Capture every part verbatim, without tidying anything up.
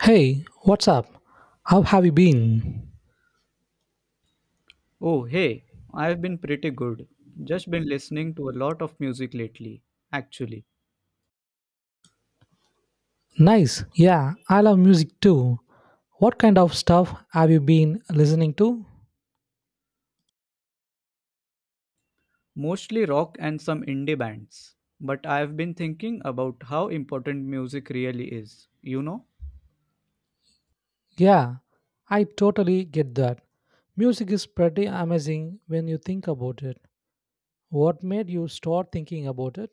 Hey, what's up? How have you been? Oh, hey, I've been pretty good. Just been listening to a lot of music lately, actually. Nice, yeah, I love music too. What kind of stuff have you been listening to? Mostly rock and some indie bands. But I've been thinking about how important music really is, you know? Yeah, I totally get that. Music is pretty amazing when you think about it. What made you start thinking about it?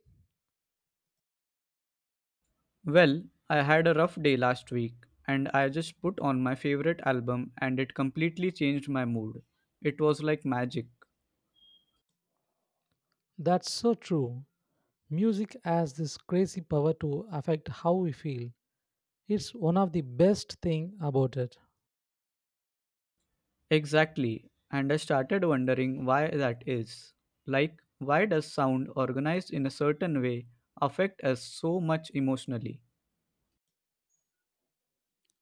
Well, I had a rough day last week, and I just put on my favorite album, and it completely changed my mood. It was like magic. That's so true. Music has this crazy power to affect how we feel. It's one of the best thing about it. Exactly. And I started wondering why that is. Like, why does sound organized in a certain way affect us so much emotionally?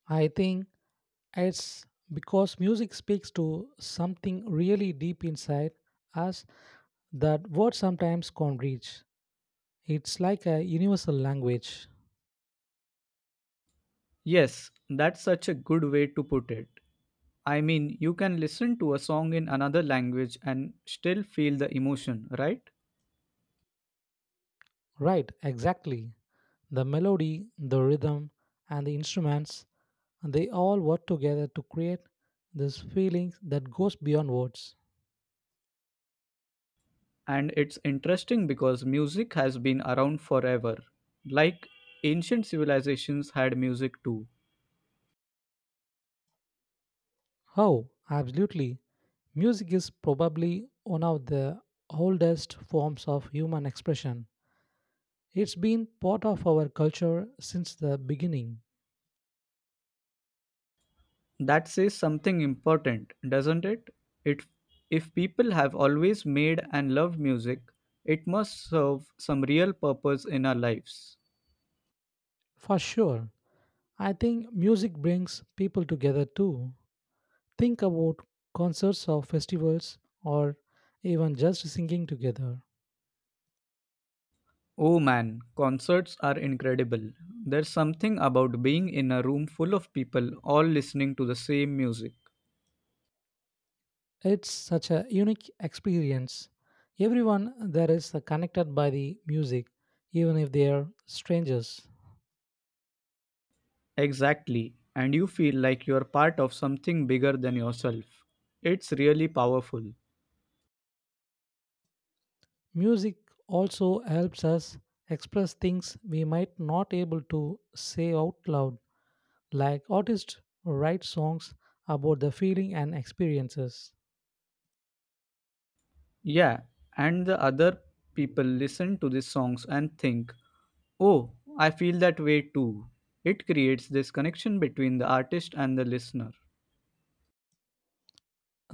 I think it's because music speaks to something really deep inside us that words sometimes can't reach. It's like a universal language. Yes, that's such a good way to put it. I mean, you can listen to a song in another language and still feel the emotion, right? Right, exactly. The melody, the rhythm, and the instruments, they all work together to create this feeling that goes beyond words. And it's interesting because music has been around forever. Like, ancient civilizations had music too. Oh, absolutely. Music is probably one of the oldest forms of human expression. It's been part of our culture since the beginning. That says something important, doesn't it it If people have always made and loved music, it must serve some real purpose in our lives. For sure. I think music brings people together too. Think about concerts or festivals or even just singing together. Oh man, concerts are incredible. There's something about being in a room full of people all listening to the same music. It's such a unique experience. Everyone there is connected by the music, even if they are strangers. Exactly, and you feel like you're part of something bigger than yourself. It's really powerful. Music also helps us express things we might not able to say out loud, like artists write songs about the feeling and experiences. Yeah, and the other people listen to these songs and think, oh, I feel that way too. It creates this connection between the artist and the listener.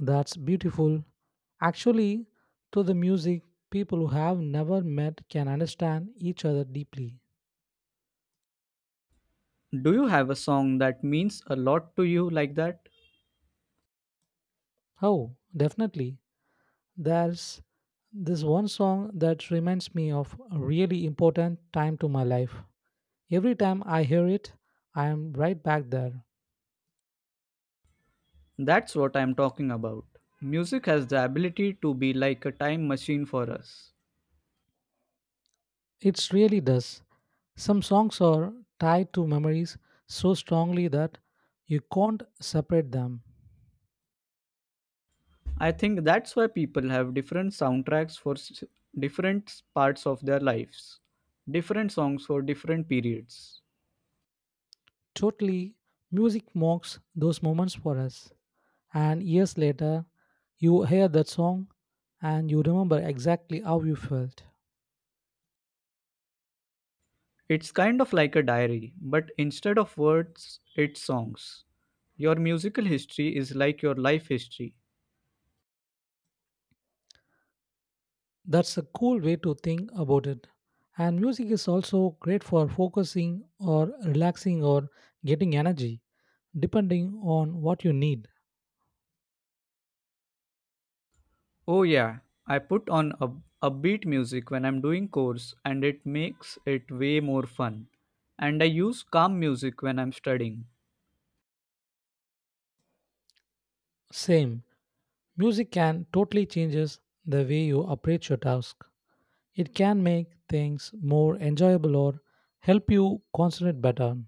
That's beautiful, actually. Through the music, people who have never met can understand each other deeply. Do you have a song that means a lot to you like that? Oh, definitely, there's this one song that reminds me of a really important time to my life. Every time I hear it, I am right back there. That's what I'm talking about. Music has the ability to be like a time machine for us. It really does. Some songs are tied to memories so strongly that you can't separate them. I think that's why people have different soundtracks for s- different parts of their lives, different songs for different periods. Totally, music marks those moments for us. And years later, you hear that song and you remember exactly how you felt. It's kind of like a diary, but instead of words, it's songs. Your musical history is like your life history. That's a cool way to think about it. And music is also great for focusing or relaxing or getting energy, depending on what you need. Oh yeah, I put on up upbeat music when I'm doing chores and it makes it way more fun. And I use calm music when I'm studying. Same. Music can totally changes the way you approach your task. It can make things more enjoyable or help you concentrate better.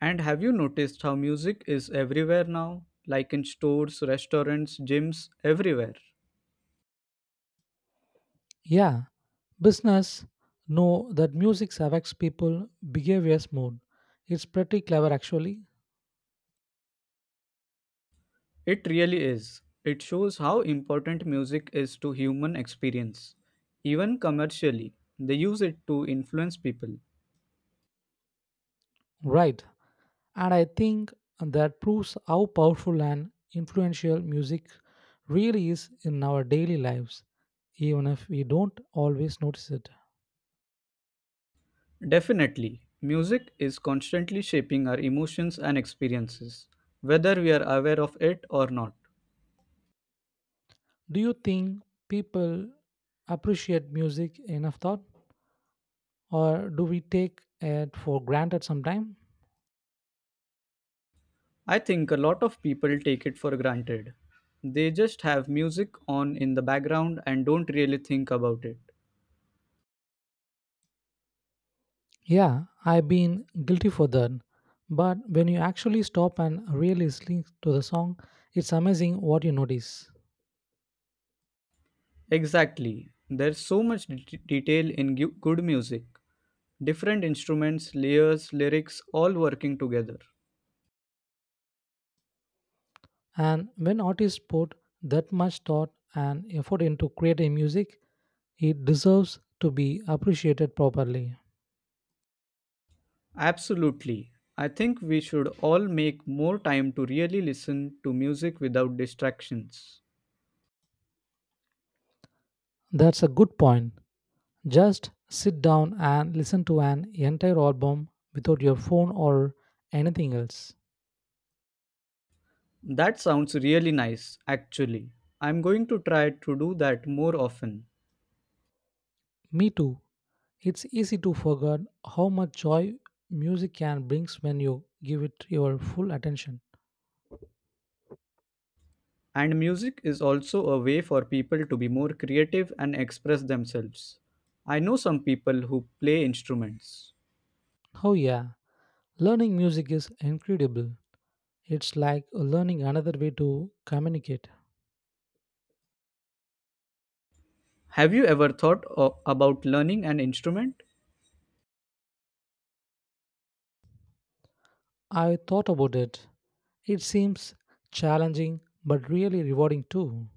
And have you noticed how music is everywhere now? Like in stores, restaurants, gyms, everywhere. Yeah, business know that music affects people behaviors more. It's pretty clever actually. It really is. It shows how important music is to human experience. Even commercially, they use it to influence people. Right. And I think that proves how powerful and influential music really is in our daily lives, even if we don't always notice it. Definitely, music is constantly shaping our emotions and experiences, whether we are aware of it or not. Do you think people appreciate music enough thought or do we take it for granted sometime? I think a lot of people take it for granted. They just have music on in the background and don't really think about it. Yeah, I've been guilty for that. But when you actually stop and really listen to the song, it's amazing what you notice. Exactly. There's so much det- detail in gu- good music. Different instruments, layers, lyrics, all working together. And when artists put that much thought and effort into creating music, it deserves to be appreciated properly. Absolutely. I think we should all make more time to really listen to music without distractions. That's a good point. Just sit down and listen to an entire album without your phone or anything else. That sounds really nice, actually. I'm going to try to do that more often. Me too. It's easy to forget how much joy music can bring when you give it your full attention. And music is also a way for people to be more creative and express themselves. I know some people who play instruments. Oh, yeah, learning music is incredible. It's like learning another way to communicate. Have you ever thought o- about learning an instrument? I thought about it. It seems challenging but really rewarding too.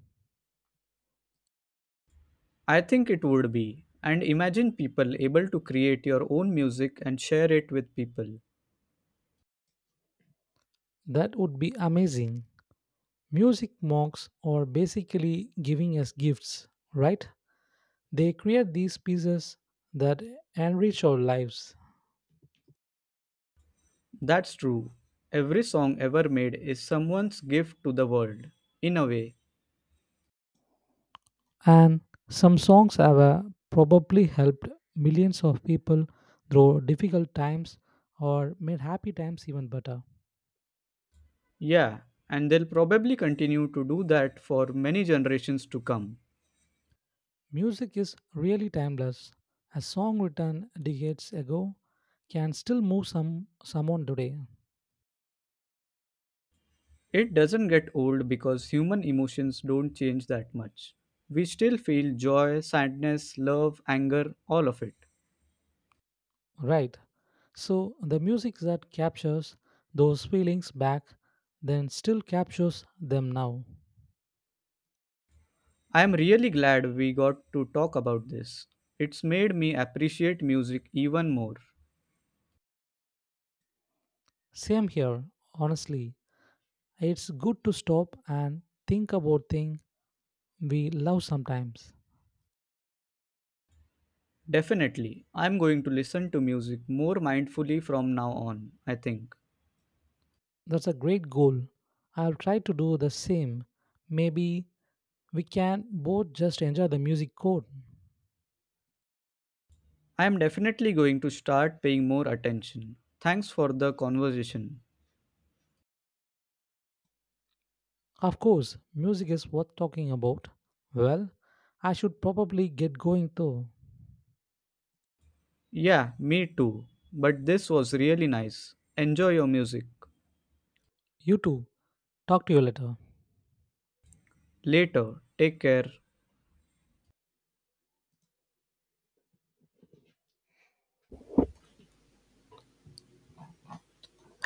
I think it would be. And imagine people able to create your own music and share it with people. That would be amazing. Music mocks are basically giving us gifts, right? They create these pieces that enrich our lives. That's true. Every song ever made is someone's gift to the world, in a way. And some songs have uh, probably helped millions of people through difficult times or made happy times even better. Yeah, and they'll probably continue to do that for many generations to come. Music is really timeless. A song written decades ago can still move some someone today. It doesn't get old because human emotions don't change that much. We still feel joy, sadness, love, anger, all of it. Right. So the music that captures those feelings back then still captures them now. I am really glad we got to talk about this. It's made me appreciate music even more. Same here, honestly. It's good to stop and think about things we love sometimes. Definitely, I'm going to listen to music more mindfully from now on, I think. That's a great goal. I'll try to do the same. Maybe we can both just enjoy the music code. I am definitely going to start paying more attention. Thanks for the conversation. Of course, music is worth talking about. Well, I should probably get going too. Yeah, me too. But this was really nice. Enjoy your music. You too. Talk to you later. Later, take care.